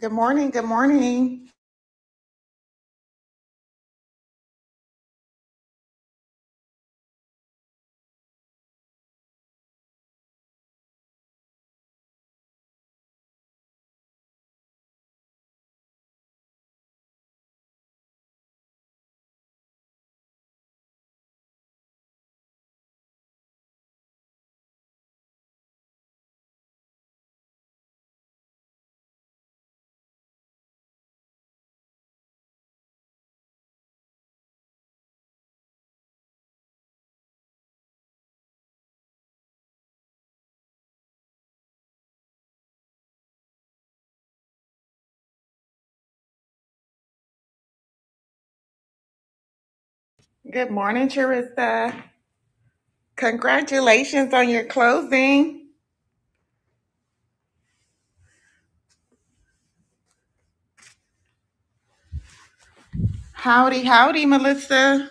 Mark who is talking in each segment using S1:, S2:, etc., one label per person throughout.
S1: Good morning. Good morning. Good morning, Charissa. Congratulations on your closing. Howdy, howdy, Melissa.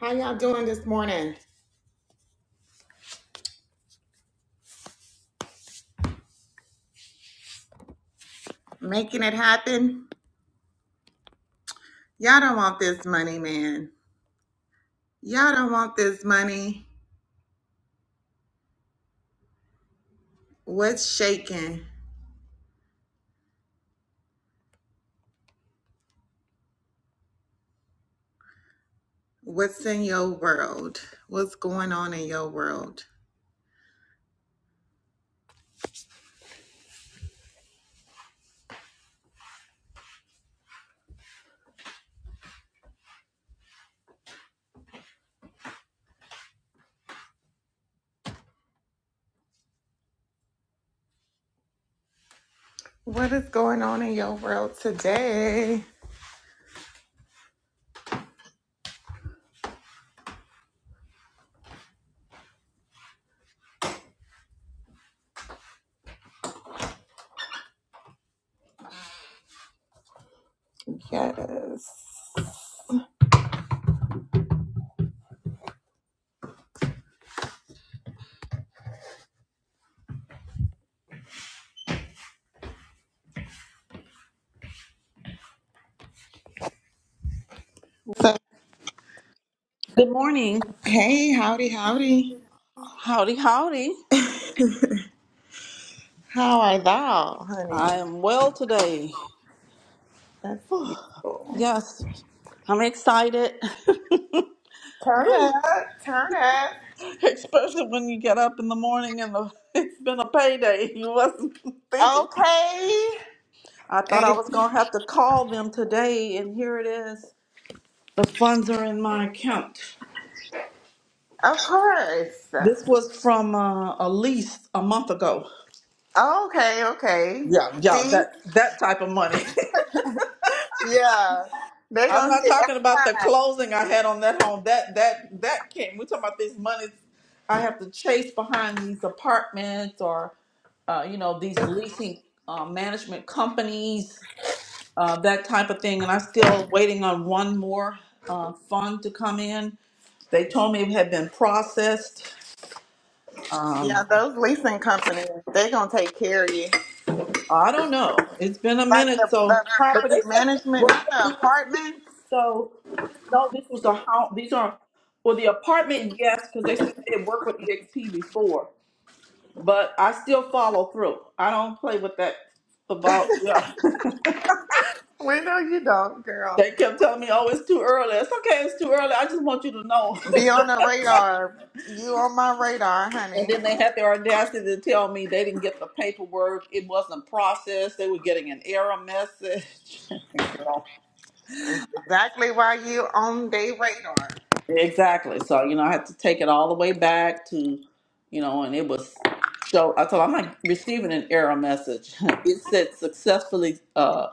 S1: How y'all doing this morning? Making it happen? Y'all don't want this money, man. Y'all don't want this money. What's shaking? What's in your world? What's going on in your world? What is going on in your world today? Yes. So,
S2: Good morning.
S1: hey, howdy, howdy.
S2: Howdy, howdy.
S1: How are thou, honey?
S2: I am well today.
S1: That's beautiful.
S2: Yes, I'm excited,
S1: Turn up, turn up.
S2: especially when you get up in the morning and the, it's been a payday. You wasn't thinking.
S1: Okay.
S2: I thought I
S1: And-
S2: was going to have to call them today, and here it is. The funds are in my account.
S1: Of course.
S2: This was from uh, a lease a month ago.
S1: Okay, okay.
S2: Yeah, yeah, that
S1: See?
S2: that type of money.
S1: Yeah. They're
S2: I'm
S1: going to
S2: not
S1: hit
S2: talking
S1: every
S2: about the
S1: time.
S2: closing I had on that home. That that that came. We're talking about these monies I have to chase behind these apartments or uh, you know these leasing uh, management companies, uh, that type of thing. And I'm still waiting on one more uh, fund to come in. They told me it had been processed.
S1: Yeah,
S2: Um,
S1: those leasing companies, they're going to take care of you.
S2: I don't know. It's been a
S1: Like
S2: minute,
S1: the,
S2: so
S1: the
S2: but they
S1: property
S2: said this
S1: management,
S2: work
S1: not the
S2: with EXP.
S1: apartment.
S2: So this, no, this was a house. These are well, the apartment, yes, because they said they had worked with EXP before. But I still follow through. I don't play with that about. Yeah,
S1: We know you don't, girl.
S2: they kept telling me, "Oh, it's too early." It's okay. It's too early. I just want you to know.
S1: Be on the radar. You on my radar,
S2: And
S1: honey.
S2: then they had their audacity to tell me they didn't get the paperwork. It wasn't processed. They were getting an error message. Girl.
S1: Exactly why you on their radar.
S2: Exactly. So, you know, I had to take it all the way back to, you know, and it was so I told I'm like receiving an error message. It said successfully uh,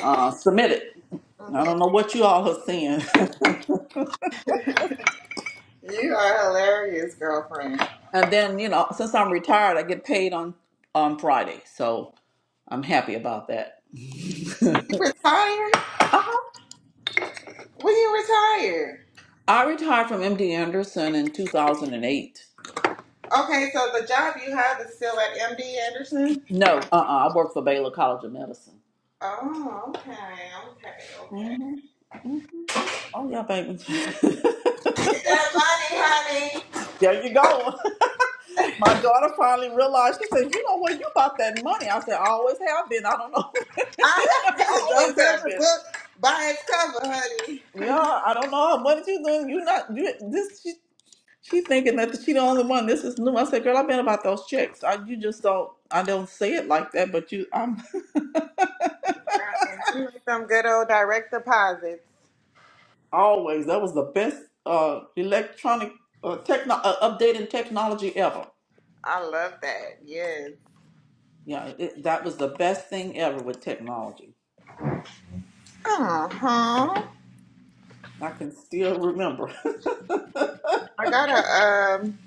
S2: uh, submitted.
S1: Mm-hmm.
S2: I don't know what you all are seeing.
S1: You are hilarious, girlfriend.
S2: and then, you know, since I'm retired, I get paid on on Friday. So I'm happy about that.
S1: You retired? When you retired?
S2: I retired from MD Anderson in 2008.
S1: Okay, so the job you have is still at MD Anderson?
S2: No, uh-uh, I worked for Baylor College of Medicine.
S1: Oh, okay, okay, okay.
S2: hmm Oh, yeah, baby.
S1: Get that money, honey.
S2: There you go. My daughter finally realized. She said, "You know what? You bought that money." I said, "I always have been. I don't know. I
S1: I
S2: always
S1: Don't judge
S2: have
S1: a
S2: been.
S1: book by its cover, honey.
S2: Yeah, I don't know how much you doing. You not you, this. She, she thinking that she the only one. This is new. I said, "Girl, I've been about those checks. I, you just don't. I don't say it like that, but you. I'm
S1: And then make some good old direct deposits.
S2: always. That was the best uh electronic uh, techno uh, updating technology ever.
S1: I love that. Yes.
S2: Yeah, it, that was the best thing ever with technology.
S1: Uh huh.
S2: I can still remember.
S1: I gotta um.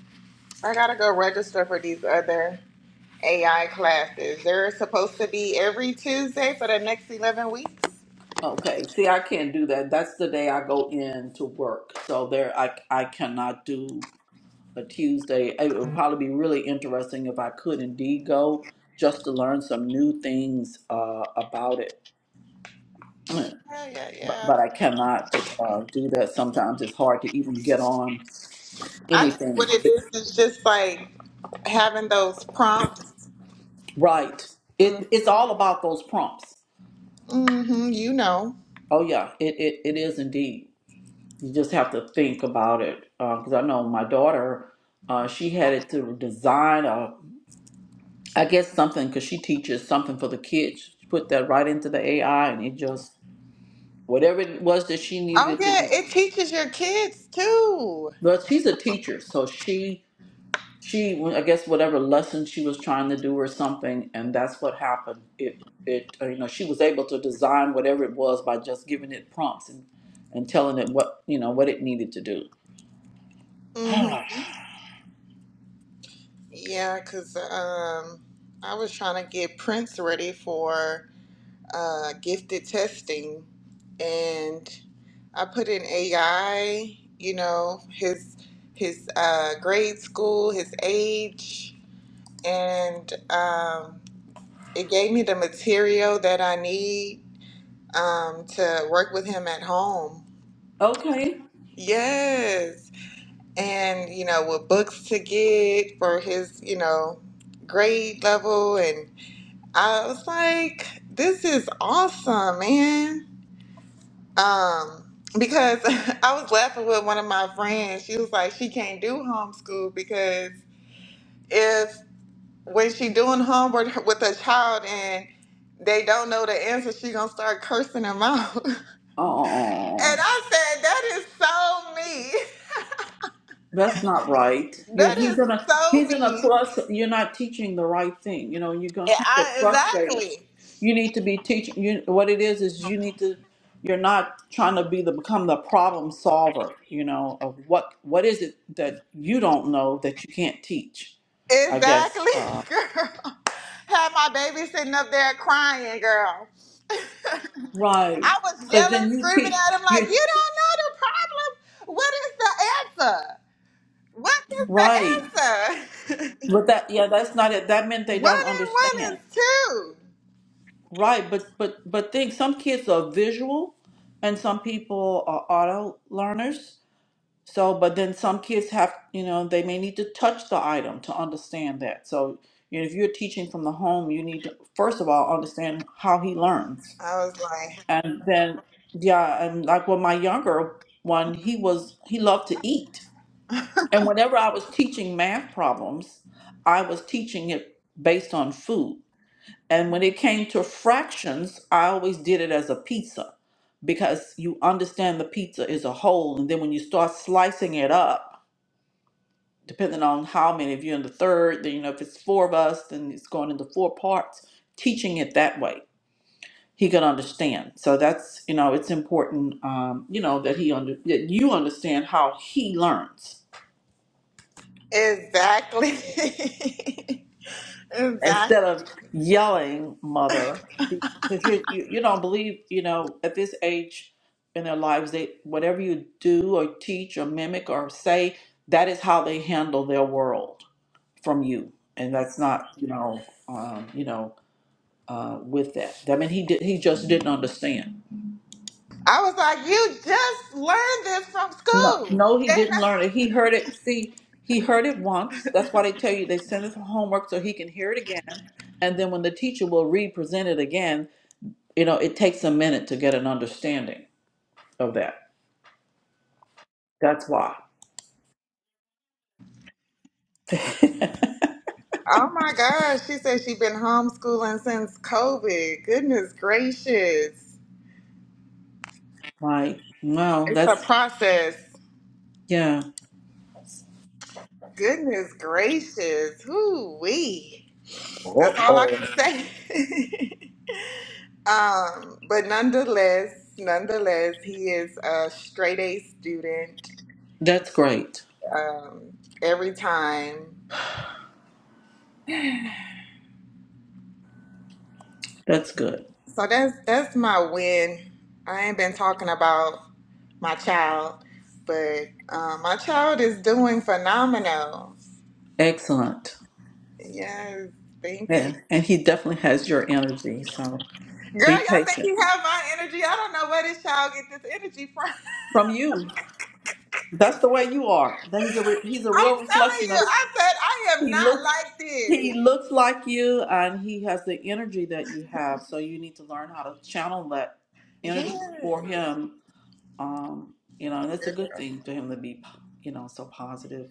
S1: I gotta go register for these other. AI classes. They're supposed to be every Tuesday for the next 11 weeks.
S2: Okay. See, I can't do that. That's the day I go in to work. So there, I I cannot do a Tuesday. It would probably be really interesting if I could indeed go just to learn some new things uh, about it.
S1: Yeah, yeah,
S2: But,
S1: yeah.
S2: but I cannot uh, do that. Sometimes it's hard to even get on
S1: I think
S2: anything.
S1: what it is is just like having those prompts.
S2: Right. It
S1: Mm-hmm,
S2: it's all about those prompts.
S1: Mm-hmm. you know.
S2: Oh yeah. It it, it is indeed. you just have to think about it because I know my daughter, uh, she had it to design a, I guess something because she teaches something for the kids. She put that right into the AI and it just whatever it was that she
S1: Oh,
S2: needed to
S1: yeah,
S2: do.
S1: it teaches your kids too.
S2: But she's a teacher, so she she I guess whatever lesson she was trying to do or something, and that's what happened. It it uh, you know she was able to design whatever it was by just giving it prompts and and telling it what you know what it needed to do.
S1: Mm-hmm. Yeah, because um, I was trying to get Prince ready for. uh, gifted testing and I put in AI, you know, his his uh, grade school, his age, and um, it gave me the material that I need um, to work with him at home.
S2: okay.
S1: Yes, and you know, what books to get for his, you know, grade level, and I was like, this is awesome, man. Um, because I was laughing with one of my friends. She was like, she can't do homeschool because if when she doing homework with a child and they don't know the answer, she gonna start cursing them out. and
S2: Oh,
S1: I said, that is so me.
S2: that's not right. you
S1: That is
S2: he's in a
S1: so
S2: he's in a
S1: me. And
S2: plus. You're not teaching the right thing. You know, you're gonna can't get
S1: I,
S2: frustrated.
S1: exactly.
S2: You need to be teaching. You what it is is you need to. You're not trying to be the become the problem solver. You know of what what is it that you don't know that you can't teach. I guess
S1: Exactly,
S2: uh,
S1: girl. Had my baby sitting up there crying, girl.
S2: right
S1: I was
S2: because
S1: yelling,
S2: then you
S1: screaming
S2: teach
S1: at him like,
S2: you
S1: "You don't know the problem. What is the answer? What is the
S2: right,
S1: answer?
S2: but that yeah that's not it. That meant they don't
S1: one and one
S2: understand.
S1: is two."
S2: Right, but but but think some kids are visual and some people are auto learners. So, but then some kids have, you know, they may need to touch the item to understand that. So, you know, if you're teaching from the home, you need to first of all understand how he learns.
S1: I was like,
S2: And then yeah, and like with my younger one, he was he loved to eat. And whenever I was teaching math problems, I was teaching it based on food. And when it came to fractions, I always did it as a pizza because you understand the pizza is a whole. And then when you start slicing it up, depending on how many of you in the third, then you know, if it's four of us, then it's going into four parts, teaching it that way. He could understand. So that's, you know, it's important, um, you know, that he under, that you understand how he learns
S1: exactly,
S2: instead of
S1: exactly.
S2: yelling mother because you, you you don't believe you know at this age in their lives they whatever you do or teach or mimic or say that is how they handle their world from you and that's not you know um, you know uh, with that i mean he did he just didn't understand
S1: I was like, you just learned this from
S2: no
S1: school.
S2: no he
S1: They
S2: didn't
S1: not-
S2: learn it he heard it see he heard it once that's why they tell you they send us homework so he can hear it again and then when the teacher will re-present it again you know, it takes a minute to get an understanding of that. That's why.
S1: Oh my gosh, she said she's been homeschooling since COVID. Goodness gracious.
S2: Like, wow,
S1: It's a
S2: that's,
S1: process.
S2: yeah,
S1: Goodness gracious. Whoo wee. That's all I can
S2: Uh-oh.
S1: say. um, but nonetheless, nonetheless, he is a straight A student
S2: that's great.
S1: um, every time.
S2: That's good.
S1: So that's that's my win. I ain't been talking about my child, but um, my child is doing phenomenal.
S2: Excellent.
S1: Yes, thank you,
S2: Yeah. And he definitely has your energy. So
S1: girl.
S2: be
S1: Y'all think
S2: patient
S1: you have my energy? I don't know where this child get this energy from.
S2: from you. That's the way you are. That he's a, re- he's a
S1: I'm
S2: real
S1: telling
S2: reflection
S1: you,
S2: of,
S1: I said I am
S2: he
S1: not
S2: looks,
S1: like
S2: he
S1: this.
S2: looks like you and he has the energy that you have. So you need to learn how to channel that energy for
S1: Yes.
S2: him Um, you know, and it's a good thing for him to be, you know, so positive.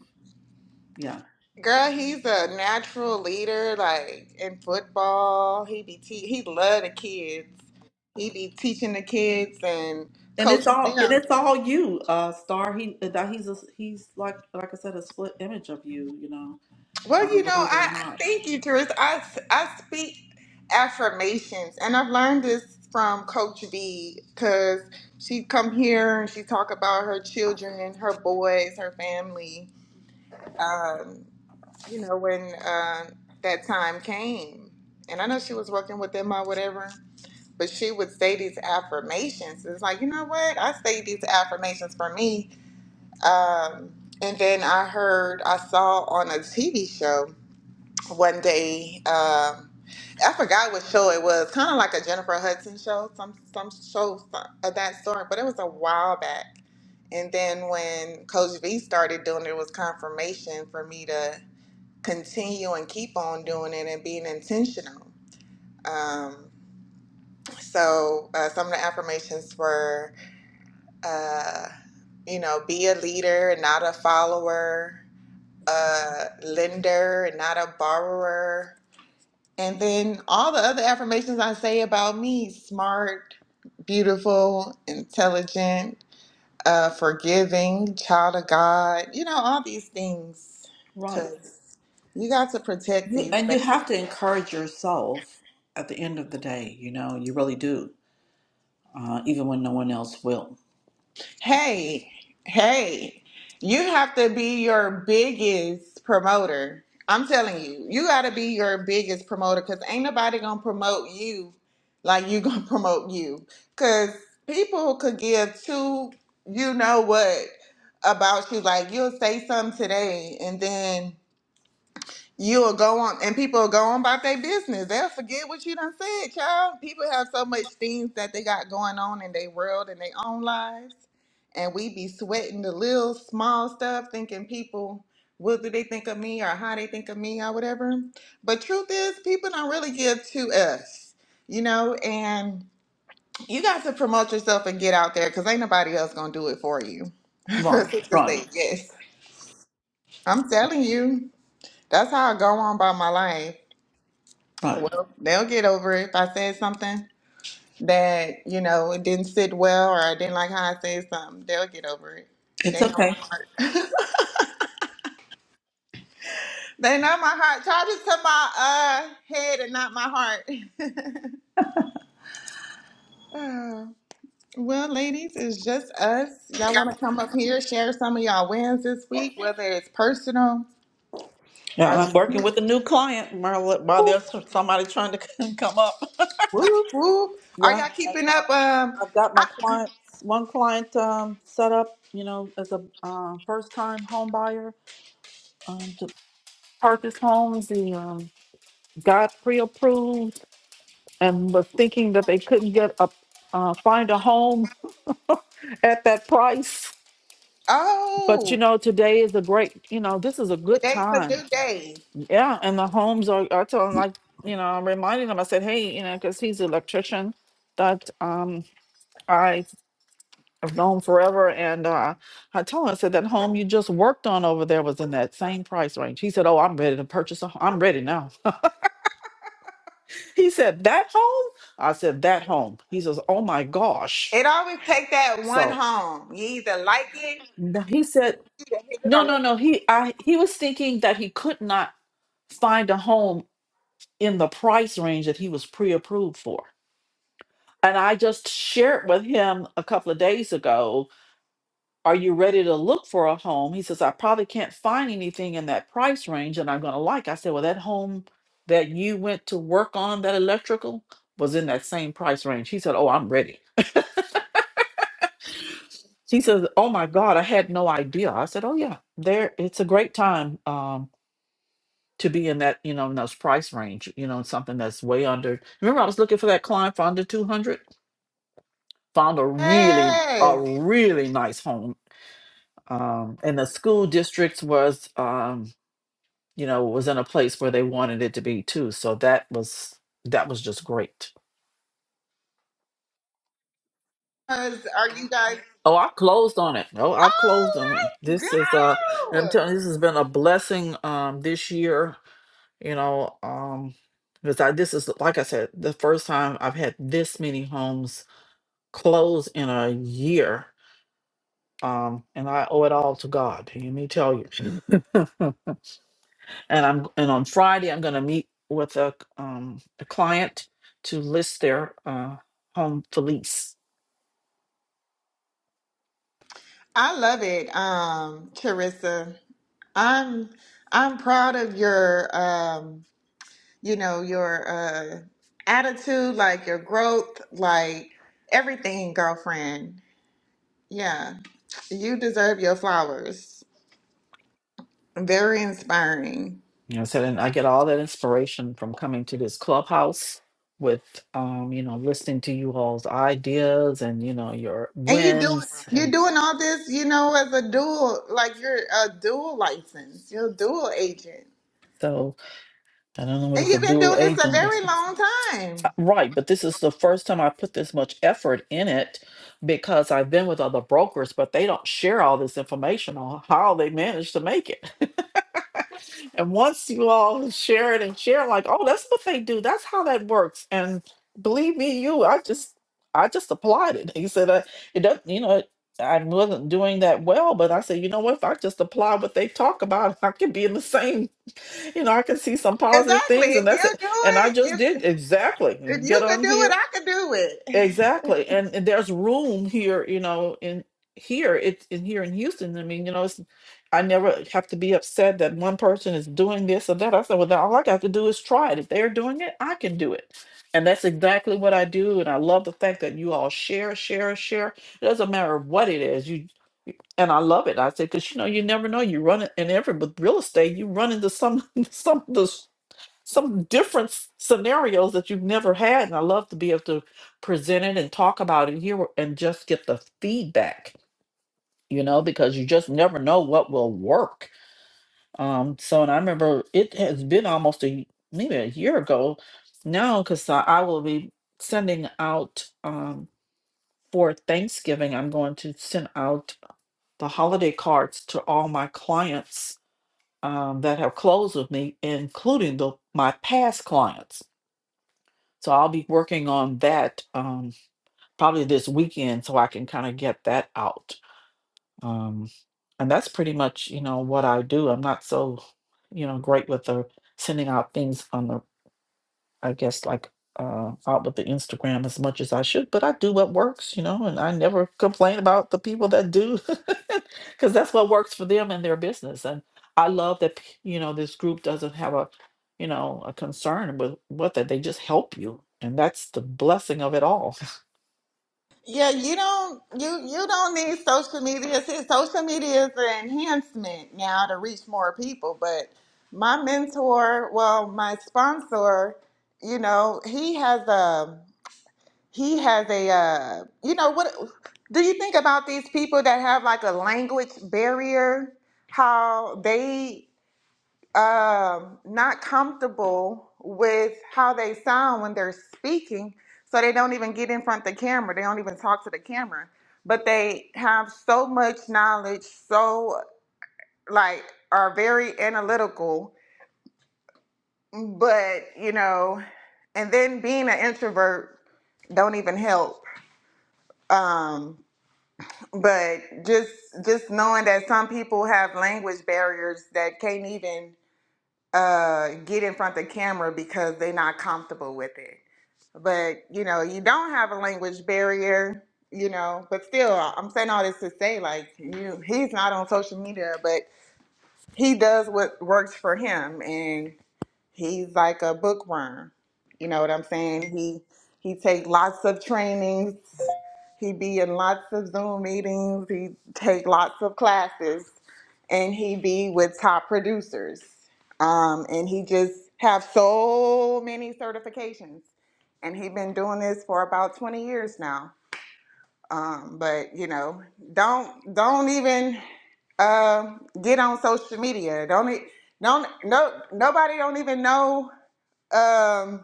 S2: Yeah.
S1: Girl, he's a natural leader, like in football. He be te- he love the kids. He be teaching the kids and
S2: And it's
S1: coaching
S2: all and
S1: them.
S2: it's all you, uh, Star. He uh, that he's a, he's like like I said, a split image of you. You know,
S1: Well, you
S2: uh,
S1: know,
S2: believe it or
S1: I
S2: not,
S1: thank you, Teresa. I I speak affirmations, and I've learned this from Coach V because she come here and she talk about her children and her boys, her family. Um, you know, when uh, that time came, and I know she was working with them or whatever but she would say these affirmations. It's like, you know what? I say these affirmations for me. Um, and then I heard, I saw on a TV show one day, um, I forgot what show it was, kind of like a Jennifer Hudson show, some some show so, of that sort, but it was a while back. And then when Coach V started doing it, it was confirmation for me to continue and keep on doing it and being intentional Um, so uh, some of the affirmations were, uh, you know, be a leader and not a follower, a lender and not a borrower. And then all the other affirmations I say about me smart, beautiful, intelligent, uh, forgiving, child of God, you know, all these things.
S2: right?
S1: Because you got to protect
S2: You
S1: these.
S2: and you have to encourage yourself at the end of the day. You know, you really do, uh, even when no one else will.
S1: Hey, hey, you have to be your biggest promoter. I'm telling you, you got to be your biggest promoter because ain't nobody going to promote you like you going to promote you. Because people could give two, you know what, about you. Like you'll say something today and then You'll go on, and people will go on about their business. They'll forget what you done said, child. People have so much things that they got going on in their world and their own lives, and we be sweating the little small stuff, thinking people, what do they think of me, or how they think of me, or whatever. But truth is, people don't really give to us, you know. And you got to promote yourself and get out there, cause ain't nobody else gonna do it for you.
S2: Right,
S1: Francisca
S2: right,
S1: said, "Yes, I'm telling you." That's how I go on by my life.
S2: right.
S1: Well, they'll get over it if I said something that, you know, it didn't sit well or I didn't like how I said something. They'll get over it.
S2: It's
S1: They know my
S2: okay.
S1: heart. they know my heart. Charges to my uh head and not my heart. Oh, well, ladies, it's just us. Y'all want to come up here, share some of y'all wins this week, whether it's personal
S2: Yeah,
S1: or
S2: I'm working
S1: business.
S2: with a new client Marla, while there's somebody trying to come up.
S1: Whoop, whoop. Are
S2: Yeah,
S1: y'all keeping up? Um,
S2: I've got my
S1: I,
S2: clients, one client um, set up, you know, as a uh, first-time home buyer um, to purchase homes. He um, got pre-approved and was thinking that they couldn't get a uh, find a home at that price. But you
S1: oh,
S2: know, today is a great, you know, this is a good
S1: today's a
S2: time.
S1: new day.
S2: Yeah, and the homes are. I tell him like, you know, I'm reminding him. I said, hey, you know, because he's an electrician that um, I. I've known forever. And uh, I told him, I said, that home you just worked on over there was in that same price range. He said, Oh, I'm ready to purchase a home. I'm ready now. He said, That home? I said, That home. He says, Oh my gosh.
S1: It always take that one
S2: So
S1: home. You either like it,
S2: n- he said,
S1: you either hate it or
S2: No, no,
S1: love it.
S2: no. He I he was thinking that he could not find a home in the price range that he was pre-approved for. And I just shared with him a couple of days ago Are you ready to look for a home? He says, I probably can't find anything in that price range that I'm going to like. I said, Well, that home that you went to work on, that electrical, was in that same price range. He said, Oh, I'm ready. He says, Oh my God, I had no idea. I said, Oh, yeah, there, it's a great time. Um, to be in that, you know, in those price range, you know, something that's way under. Remember, I was looking for that client for under 200, found a really, a
S1: Yes.
S2: really nice home um, and the school districts was um, you know, was in a place where they wanted it to be too. So that was that was just great.
S1: 'Cause Are you guys?
S2: Oh, I closed on it. Oh, I've closed on it.
S1: Oh, let's
S2: This is uh I'm
S1: go!
S2: telling you, this has been a blessing um this year, you know, um because I this is like I said, the first time I've had this many homes close in a year. Um, and I owe it all to God. Let me tell you. and I'm and on Friday I'm going to meet with a um a client to list their uh home for lease.
S1: I love it, um, Charissa. I'm I'm proud of your um, you know, your uh attitude, like your growth, like everything, girlfriend. Yeah, you deserve your flowers. Very inspiring.
S2: You know, so then I get all that inspiration from coming to this clubhouse with um you know listening to you all's ideas and you know your
S1: And you doing
S2: wins
S1: you're
S2: and
S1: doing all this, you know, as a dual, like you're a dual license, you're a dual agent,
S2: so I don't know what
S1: and
S2: is a
S1: you've been
S2: dual
S1: doing this a
S2: agent,
S1: very
S2: but.
S1: long time.
S2: Uh, Right, but this is the first time I put this much effort in it because I've been with other brokers, but they don't share all this information on how they manage to make it. and once you all share it and share, like, oh, that's what they do. That's how that works. And believe me, you, I just, I just applied it. He said, uh, it doesn't, you know, I wasn't doing that well, but I said, you know what? If I just apply what they talk about, I could be in the same you know, I can see some positive
S1: Exactly.
S2: things,
S1: If
S2: and that's
S1: you
S2: it.
S1: do
S2: And I
S1: it,
S2: just did
S1: if
S2: exactly
S1: if
S2: get
S1: you could
S2: on
S1: do it,
S2: here
S1: I could do it.
S2: exactly, and, and there's room here, you know, in here it's in here in Houston. I mean, you know, it's I never have to be upset that one person is doing this or that. I said, well, then all I got to do is try it. If they're doing it, I can do it, and that's exactly what I do. And I love the fact that you all share, share, share. It doesn't matter what it is, you. And I love it. I said, because you know, you never know. You run it, and every with real estate, you run into some some of the some different s- scenarios that you've never had. And I love to be able to present it and talk about it here and just get the feedback, you know, because you just never know what will work. Um, so, and I remember it has been almost a maybe a year ago now because I, I will be sending out um, for Thanksgiving, I'm going to send out the holiday cards to all my clients um, that have closed with me, including the, my past clients So I'll be working on that um, probably this weekend so I can kind of get that out. Um, and that's pretty much, you know, what I do. I'm not so, you know, great with the sending out things on the I guess like uh out with the Instagram as much as I should, but I do what works, you know, and I never complain about the people that do because that's what works for them and their business. And I love that p- you know this group doesn't have a you know a concern with what that they just help you. And that's the blessing of it all.
S1: Yeah, you don't you you don't need social media. See, social media is an enhancement now to reach more people. But my mentor, well, my sponsor, you know, he has a he has a uh you know what do you think about these people that have like a language barrier how they um not comfortable with how they sound when they're speaking so they don't even get in front of the camera they don't even talk to the camera but they have so much knowledge so like are very analytical but you know and then being an introvert don't even help Um, but just just knowing that some people have language barriers that can't even uh, get in front of the camera because they're not comfortable with it. But you know, you don't have a language barrier, you know. But still, I'm saying all this to say, like, you he's not on social media, but he does what works for him, and He's like a bookworm. You know what I'm saying? He he take lots of trainings. He be in lots of Zoom meetings. He take lots of classes, and he be with top producers. Um, and he just have so many certifications. And he been doing this for about 20 years now. Um, but you know, don't don't even uh, get on social media. Don't e- don't no nobody don't even know um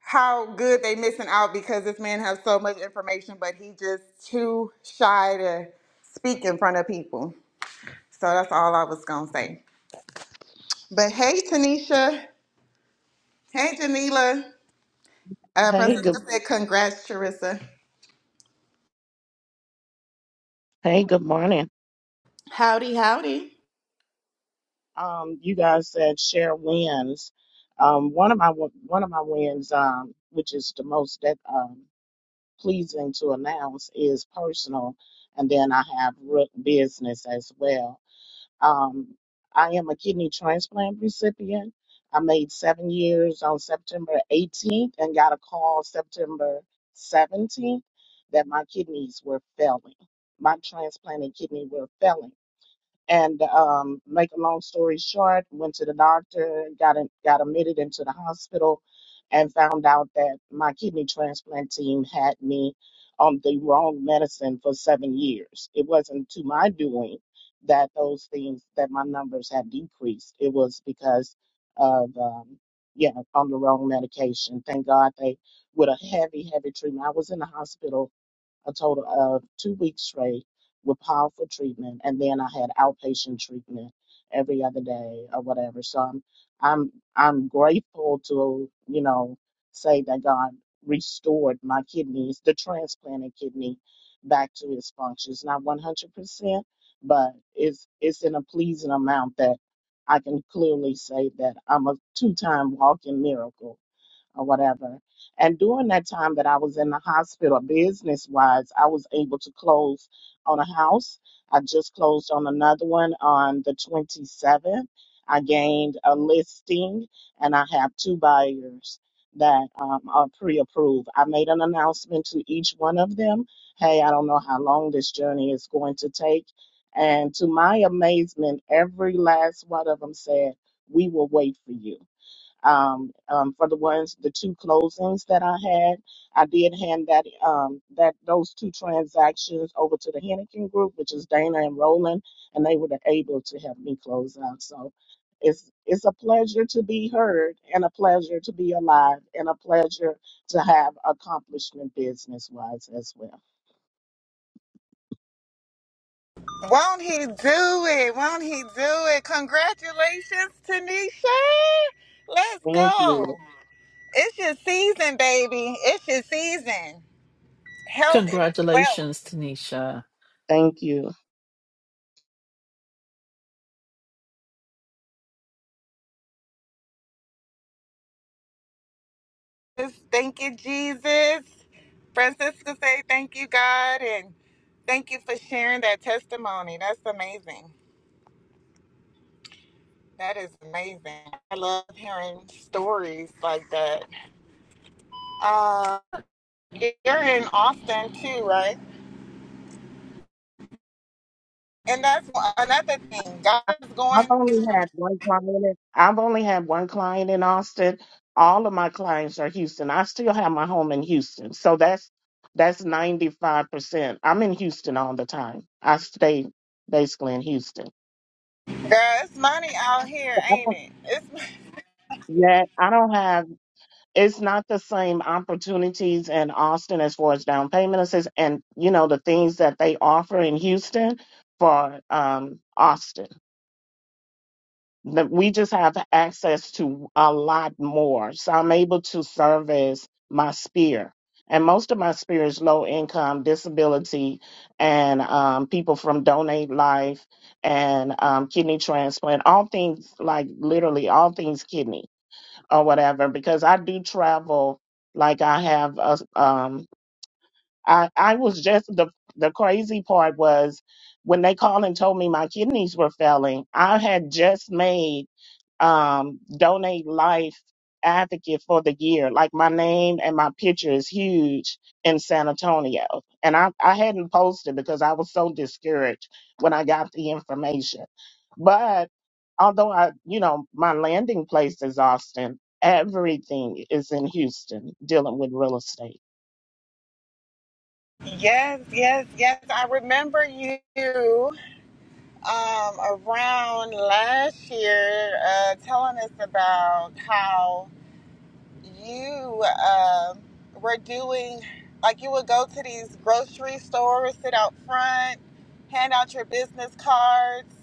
S1: how good they missing out because this man has so much information, but he just too shy to speak in front of people. So that's all I was gonna say. But hey, Tanisha. Hey, Janila. Uh,
S3: Hey, good
S1: Francisca said, "Congrats, Charissa."
S3: hey, good morning.
S1: Howdy, howdy.
S3: Um, you guys said share wins. Um, one of my one of my wins, um, which is the most that um, pleasing to announce, is personal, and then I have re- business as well. Um, I am a kidney transplant recipient. I made seven years on September 18th and got a call September 17th that my kidneys were failing. My transplanted kidney were failing. And um, make a long story short, went to the doctor, got in, got admitted into the hospital, and found out that my kidney transplant team had me on the wrong medicine for seven years. It wasn't to my doing that those things that my numbers had decreased. It was because of um, yeah, on the wrong medication. Thank God they with a heavy, heavy treatment. I was in the hospital a total of two weeks straight with powerful treatment, and then I had outpatient treatment every other day or whatever. So I'm I'm I'm grateful to you know say that God restored my kidneys, the transplanted kidney, back to its functions. Not 100 percent, but it's it's in a pleasing amount that I can clearly say that I'm a two-time walking miracle or whatever. And during that time that I was in the hospital, business wise, I was able to close on a house. I just closed on another one on the 27th. I gained a listing and I have two buyers that um, are pre approved. I made an announcement to each one of them hey, I don't know how long this journey is going to take. And to my amazement, every last one of them said, We will wait for you um, um, for the ones, the two closings that I had, I did hand that um, that those two transactions over to the Henneken Group, which is Dana and Roland, and they were able to help me close out. So it's it's a pleasure to be heard, and a pleasure to be alive, and a pleasure to have accomplishment business wise as well.
S1: Won't he do it? Won't he do it? Congratulations, Tanisha. Let's
S3: Thank you.
S1: go. It's your season, baby. It's your season. Health is wealth.
S2: Congratulations, Tanisha.
S3: Thank you.
S1: Thank you, Jesus. Francisca say thank you, God, and thank you for sharing that testimony. That's amazing. That is amazing. I love hearing stories like that. Uh, you're in Austin too, right? And that's one- another thing. God is
S3: I've
S1: going,
S3: only had one client. In, I've only had one client in Austin. All of my clients are Houston. I still have my home in Houston, so that's that's ninety five percent. I'm in Houston all the time. I stay basically in Houston.
S1: girl. It's money out here,
S3: So I
S1: ain't
S3: don't,
S1: it? It's
S3: yeah, I don't have. It's not the same opportunities in Austin as far as down payment assistance and you know the things that they offer in Houston for um Austin. that we just have access to a lot more. So I'm able to service my sphere. And most of my sphere is low income, disability, and um, people from Donate Life and um, kidney transplant, all things like literally all things kidney or whatever, because I do travel like I have. A, um, I, I was just the, the crazy part was when they called and told me my kidneys were failing, I had just made um, donate life advocate for the year. Like my name and my picture is huge in San Antonio. And I, I hadn't posted because I was so discouraged when I got the information. But although I, you know, my landing place is Austin, everything is in Houston dealing with real estate.
S1: yes, yes, yes. I remember you. um, around last year uh, telling us about how you um were doing, like you would go to these grocery stores, sit out front, hand out your business cards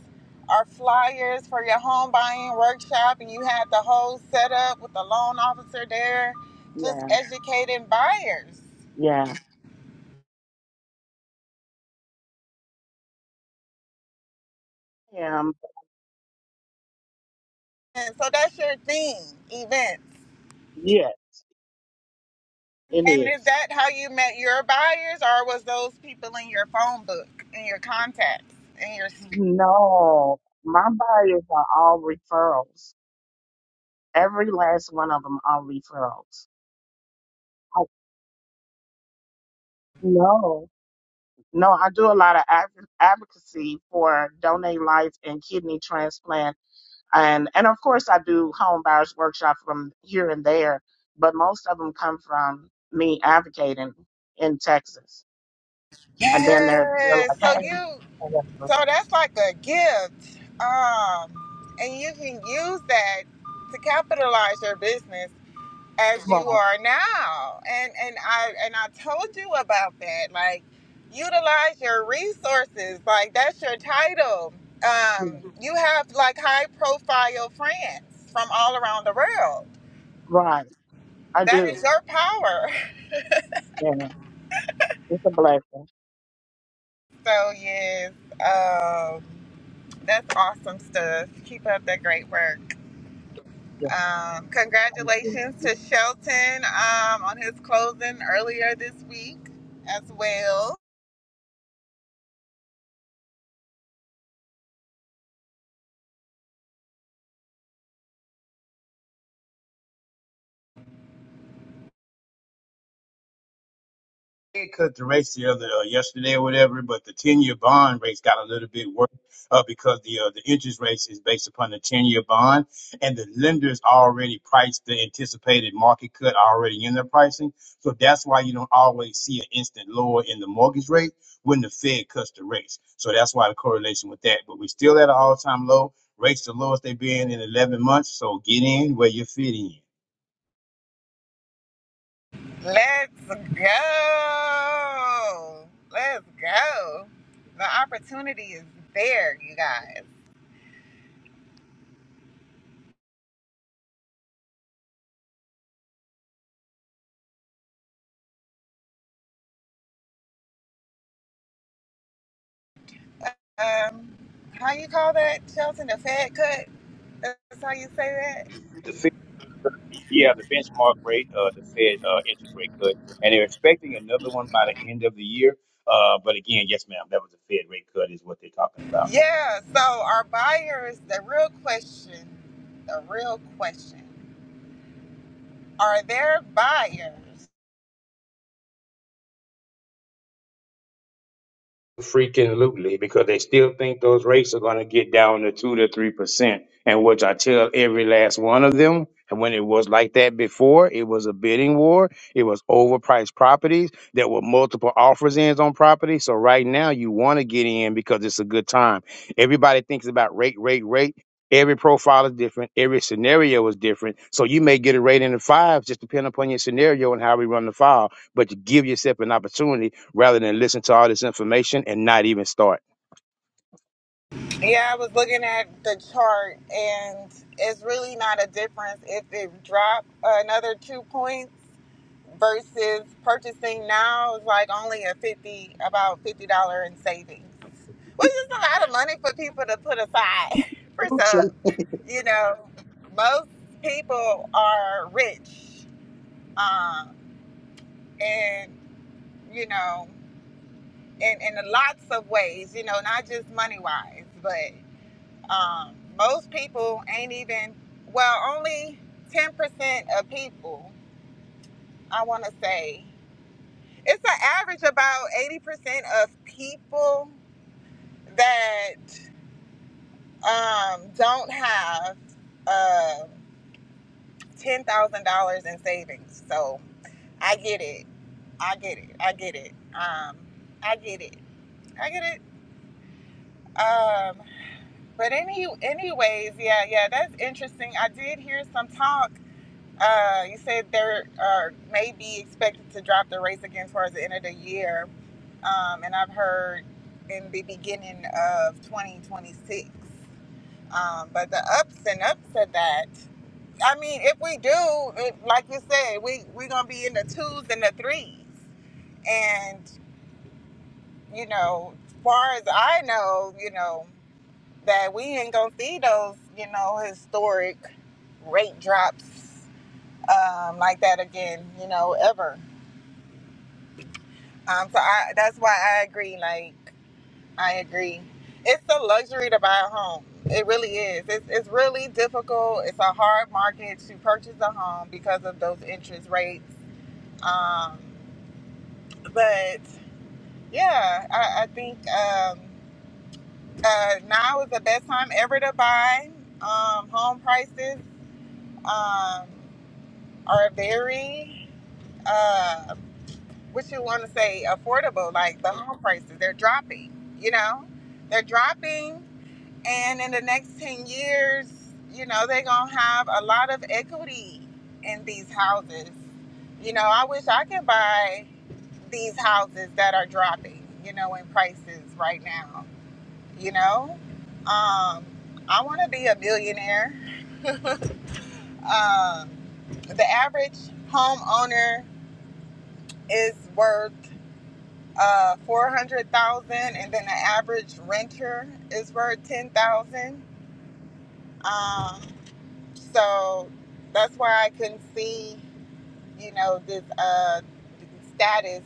S1: or flyers for your home buying workshop, and you had the whole setup with the loan officer there, just
S3: Yeah.
S1: educating buyers.
S3: Yeah. Um,
S1: And so that's your thing, events.
S3: yeah, it
S1: And is
S3: is.
S1: that how you met your buyers, or was those people in your phone book, in your contacts, in your?
S3: No, my buyers are all referrals. Every last one of them are referrals. I, no, no, I do a lot of adv- advocacy for Donate Life and kidney transplant, and and of course I do home buyers workshop from here and there, but most of them come from me advocating in Texas, and then they're they're
S1: Yes.
S3: like,
S1: So you.
S3: hey, or whatever.
S1: So that's like a gift, um, and you can use that to capitalize your business as you
S3: right,
S1: are now. And and I and I told you about that. Like, utilize your resources. Like that's your title.
S3: yeah,
S1: Um, you have like high profile friends from all around the world
S3: right, I
S1: That
S3: do,
S1: is your power.
S3: yeah, it's a blessing,
S1: So yes, um, that's awesome stuff. Keep up the great work.
S3: yeah,
S1: Um,
S3: thank you.
S1: congratulations to Shelton um, on his closing earlier this week as well.
S4: They cut the race the other uh, yesterday or whatever, but the ten year bond race got a little bit worse uh, because the uh, the interest rates is based upon the ten year bond, and the lenders already priced the anticipated market cut already in their pricing. So that's why you don't always see an instant lower in the mortgage rate when the Fed cuts the rates. So that's why the correlation with that. But we're still at an all time low. Rates the lowest they've been in 11 months. So get in where you're fitting in.
S1: Let's go. Let's go. The opportunity is there, you guys. Um, how you call that, Shelton? A fat cut? That's how you say that?
S4: The Fed, yeah, the benchmark rate, uh, the Fed uh, interest rate cut, and they're expecting another one by the end of the year. Uh, but again, yes, ma'am, that was a Fed rate cut, is what they're talking about.
S1: Yeah, so our buyers, the real question, the real question, are there buyers?
S4: freaking lutely because they still think those rates are going to get down to two to three percent. And which I tell every last one of them, and when it was like that before, it was a bidding war. It was overpriced properties. There were multiple offers in on property. So right now, you want to get in because it's a good time. Everybody thinks about rate, rate, rate. Every profile is different. Every scenario is different. So you may get a rate in the fives, just depending upon your scenario and how we run the file. But you give yourself an opportunity rather than listen to all this information and not even start.
S1: Yeah, I was looking at the chart and it's really not a difference if it dropped another two points versus purchasing now is like only a 50, about $50 in savings, which is a lot of money for people to put aside for sub. You know, most people are rich. Um, and you know, in, in lots of ways, you know, not just money wise, but um, most people ain't even, well, only 10% of people, I want to say, it's an average about 80% of people that um, don't have uh, $10,000 in savings. So I get it. I get it. I get it. Um, I get it. I get it. Um, But any, anyways, yeah, yeah, that's interesting. I did hear some talk. Uh, you said there uh, may be expected to drop the race again towards the end of the year, um, and I've heard in the beginning of 2026. Um, but the ups and ups of that, I mean, if we do, it, like you said, we we're gonna be in the twos and the threes, and you know, far as I know, you know. that we ain't gonna see those, you know, historic rate drops um, like that again, you know, ever. Um, so I, that's why I agree. Like, I agree. It's a luxury to buy a home. It really is. It's, it's really difficult. It's a hard market to purchase a home because of those interest rates. Um, but yeah, I, I think um, uh, now is the best time ever to buy um, home prices. Um, are very uh what you want to say affordable like the home prices they're dropping you know they're dropping and in the next 10 years you know they're gonna have a lot of equity in these houses you know i wish i could buy these houses that are dropping you know in prices right now you know um i want to be a millionaire um the average homeowner is worth uh, four hundred thousand, dollars, and then the average renter is worth ten thousand. dollars. Um, so that's why I couldn't see, you know, this uh, status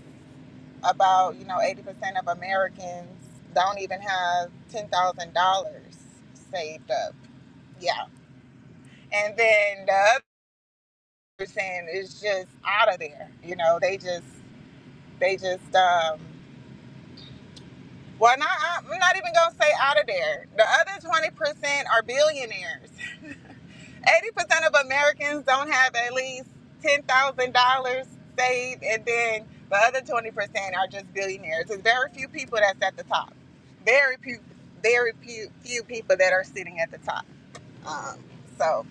S1: about you know eighty percent of Americans don't even have ten thousand dollars saved up. Yeah, and then the other percent is just out of there. You know, they just they just um, Well, not, I'm not even going to say out of there. The other 20% are billionaires. 80% of Americans don't have at least $10,000 saved, and then the other 20% are just billionaires. There's very few people that's at the top. Very few, very few, few people that are sitting at the top. Um, so.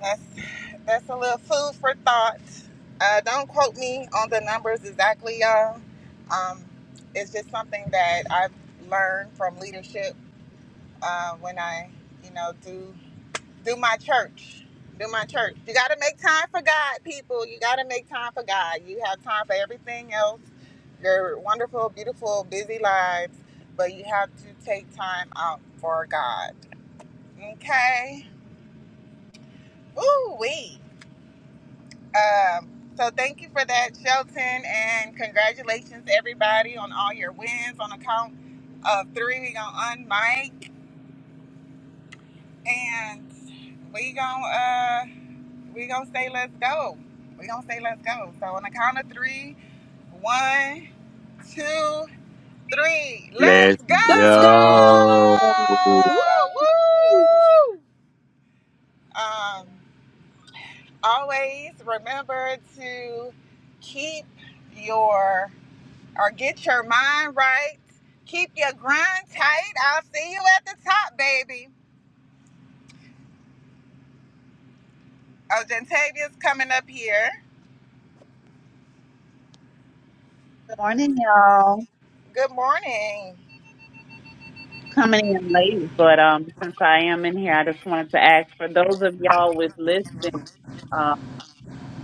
S1: That's that's a little food for thought. Uh, don't quote me on the numbers exactly, y'all. Um, it's just something that I've learned from leadership uh, when I, you know, do do my church, do my church. You got to make time for God, people. You got to make time for God. You have time for everything else. Your wonderful, beautiful, busy lives, but you have to take time out for God. Okay. Ooh wee. Um, so thank you for that, Shelton, and congratulations everybody on all your wins. On account of three, we gonna unmic and we gonna uh we gonna say let's go. We gonna say let's go. So on the count of three, one, two, three, let's
S4: Let's
S1: go!
S2: Let's go.
S3: Blessed.
S4: go.
S2: Woo!
S1: Woo! Um, always remember to keep your or get your mind right. Keep your grind tight. I'll see you at the top, baby. Oh, Gentavia's coming up here.
S5: Morning, y'all.
S1: Good morning.
S5: Coming in late, but um, since I am in here, I just wanted to ask for those of y'all with listings, uh,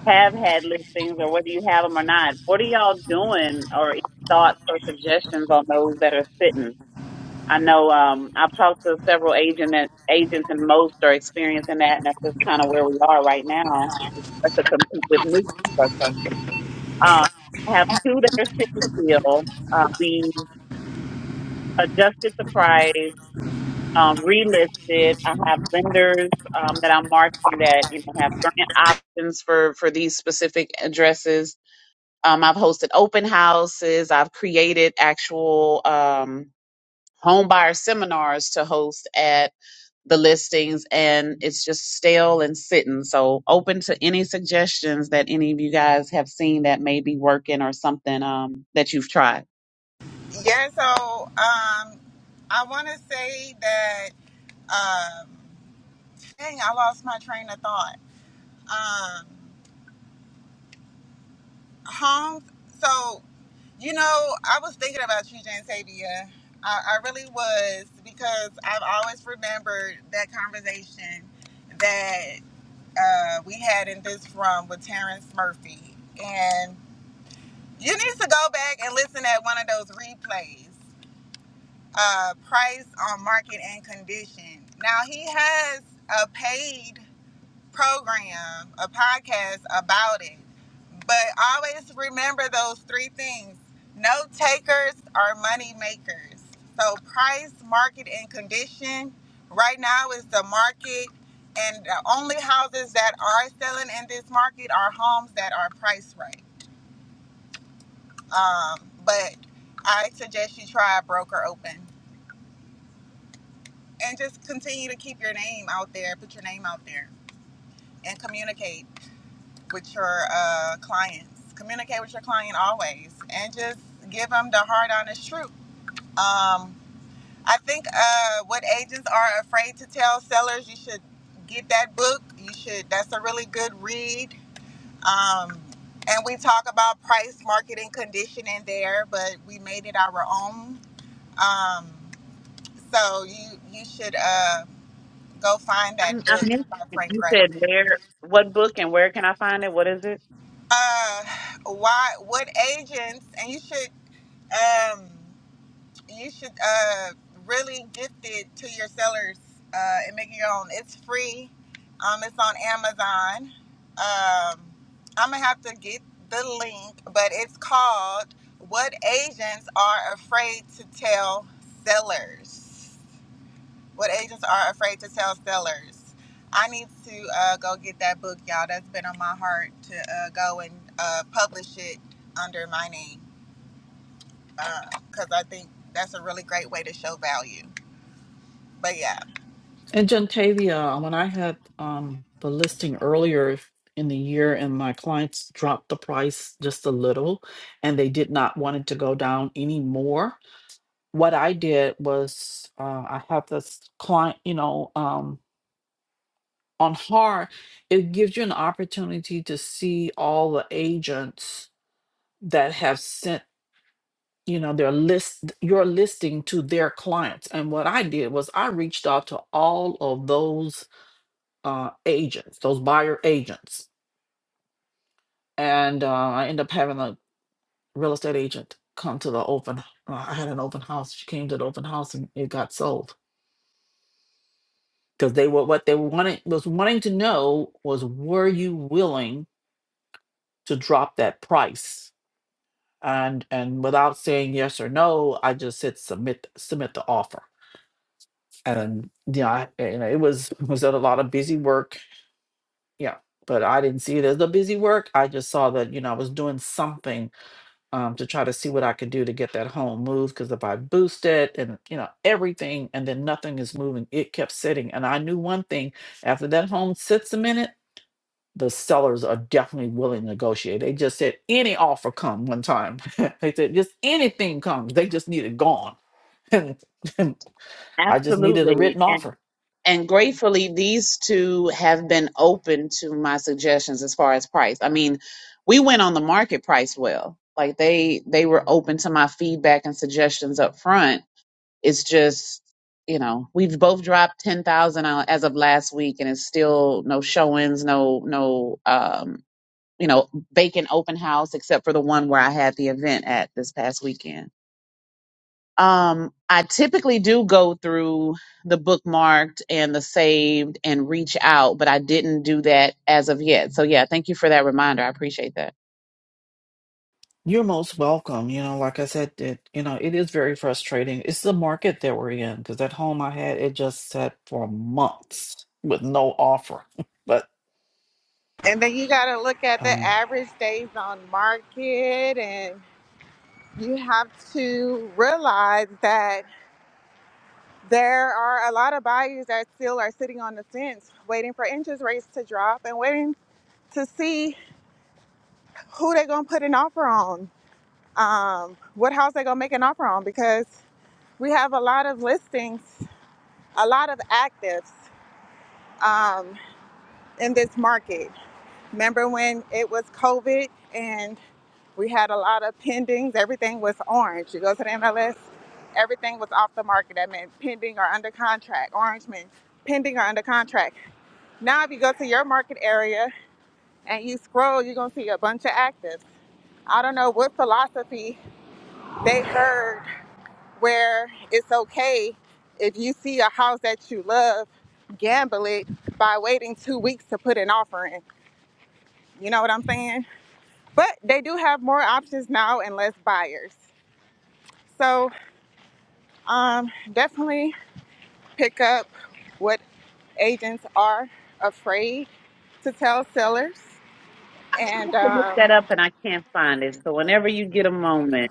S5: have had listings, or whether you have them or not, what are y'all doing, or any thoughts or suggestions on those that are sitting? I know um, I've talked to several agent agents, and most are experiencing that, and that's just kind of where we are right now. That's to compete with new stuff. Um, I have two that are sitting still. Uh, we adjusted the price. um, relisted. I have lenders um, that I'm marketing that you know have grant options for for these specific addresses. Um, I've hosted open houses. I've created actual um, home buyer seminars to host at the listings, and it's just stale and sitting. So open to any suggestions that any of you guys have seen that may be working or something um, that you've tried.
S1: Yeah, so um, I want to say that, um, dang, I lost my train of thought. Um, Holmes, so, you know, I was thinking about you, Gentavia. I, I really was because I've always remembered that conversation that. uh, we had in this room with Terrence Murphy. And you need to go back and listen at one of those replays. Uh, price on market and condition. Now he has a paid program, a podcast about it. But always remember those three things no takers are money makers. So, price, market, and condition right now is the market. And the only houses that are selling in this market are homes that are priced right. Um, but I suggest you try a broker open and just continue to keep your name out there, put your name out there, and communicate with your uh, clients. Communicate with your client always, and just give them the hard, honest truth. Um, I think uh, what agents are afraid to tell sellers, you should get that book. You should. That's a really good read. Um, and we talk about price, market, and condition in there, but we made it our own. Um, so you you should uh, go find
S5: I'm,
S1: that
S5: I
S1: book
S5: missed
S1: by
S5: it.
S1: Frank
S5: You
S1: Gray.
S5: said where, what book, and where can I find it? What is it?
S1: Uh, why? What agents? And you should. Um, you should uh, really gift it to your sellers uh, and make it your own. It's free. Um, it's on Amazon. Um, I'm gonna have to get the link, but it's called "What Asians Are Afraid to Tell Sellers." What agents are afraid to tell sellers. I need to uh, go get that book, y'all. That's been on my heart to uh, go and uh, publish it under my name because uh, I think that's a really great way to show value. But yeah,
S2: And Gentavia, when I had um, the listing earlier in the year and my clients dropped the price just a little and they did not want it to go down anymore, what I did was uh, I have this client, you know, um, on HAR, it gives you an opportunity to see all the agents that have sent you know their list your listing to their clients and what i did was i reached out to all of those uh, agents, those buyer agents. And uh, I ended up having a real estate agent come to the open. Uh, I had an open house. She came to the open house and it got sold because they were what they wanted was wanting to know was were you willing to drop that price? And and without saying yes or no, I just said submit submit the offer. And yeah, I, and it was was a lot of busy work. Yeah, but I didn't see it as a busy work. I just saw that you know I was doing something um, to try to see what I can do to get that home moved. Because if I boost it and you know everything, and then nothing is moving, it kept sitting. And I knew one thing: after that home sits a minute, the sellers are definitely willing to negotiate. They just said any offer come one time. they said just anything comes. They just need it gone. and I just needed a
S5: Absolutely.
S2: written offer.
S5: And and gratefully these two have been open to my suggestions as far as price. I mean, we went on the market price well. Like they they were open to my feedback and suggestions up front. It's just, you know, we've both dropped 10,000 as of last week and it's still no showings, no no um, you know, vacant open house except for the one where I had the event at this past weekend. Um, I typically do go through the bookmarked and the saved and reach out, but I didn't do that as of yet. So, yeah, thank you for that reminder. I appreciate that.
S2: You're most welcome. You know, like I said, it, you know, it is very frustrating. It's the market that we're in because that home I had, it just sat for months with no offer. But
S1: and then you got to look at the
S2: um,
S1: average days on market, and you have to realize that there are a lot of buyers that still are sitting on the fence, waiting for interest rates to drop and waiting to see who they're gonna put an offer on, um, what house they're gonna make an offer on, because we have a lot of listings, a lot of actives um, in this market. Remember when it was COVID and we had a lot of pendings? Everything was orange. You go to the MLS, everything was off the market. That meant pending or under contract. Orange meant pending or under contract. Now, if you go to your market area and you scroll, you're going to see a bunch of actives. I don't know what philosophy they heard where it's okay if you see a house that you love, gamble it by waiting two weeks to put an offer in. You know what I'm saying? But they do have more options now and less buyers. So um, definitely pick up what agents are afraid to tell sellers.
S5: I tried
S1: And
S5: to look that
S1: um,
S5: up and I can't find it. So whenever you get a moment,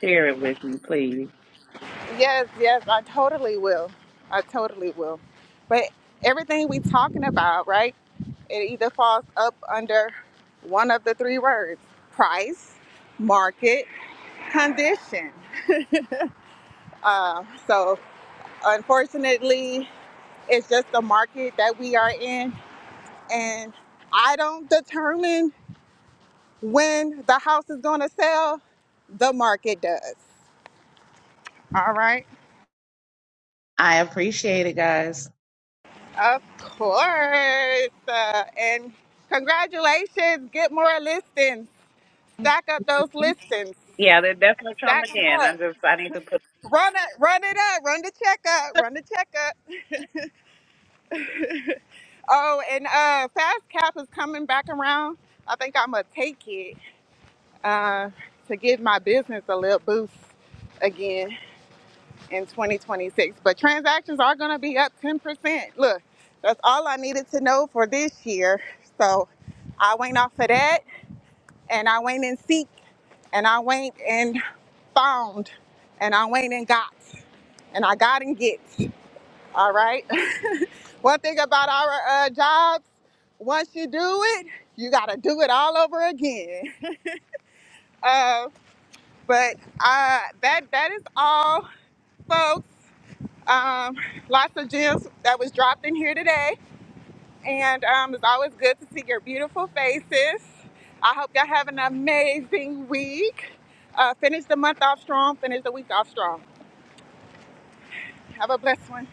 S5: share it with me, please.
S1: yes, yes, I totally will. I totally will. But everything we talking about, right? It either falls up under one of the three words: price, market, condition. So unfortunately, it's just the market that we are in and I don't determine when the house is going to sell. The market does. All right.
S5: I appreciate it, guys.
S1: Of course. Uh, and congratulations. Get more listings. Stack up those listings.
S5: Yeah, that, that's no trauma
S1: Stack them
S5: then.
S1: up.
S5: I just I need to put
S1: Run it, run it up. Run the check up. Run the check up. Oh, and uh, Fast Cap is coming back around. I think I'm gonna take it uh, to give my business a little boost again. in 2026. But transactions are going to be up 10%. Look, that's all I needed to know for this year. So I went off of that and I went and seek and I went and found and I went and got and I got and get. All right. One thing about our uh, jobs, once you do it, you got to do it all over again. Uh, but uh, that that is all, folks. Um, lots of gems that was dropped in here today. And um, it's always good to see your beautiful faces. I hope y'all have an amazing week. Uh, finish the month off strong, finish the week off strong. Have a blessed one.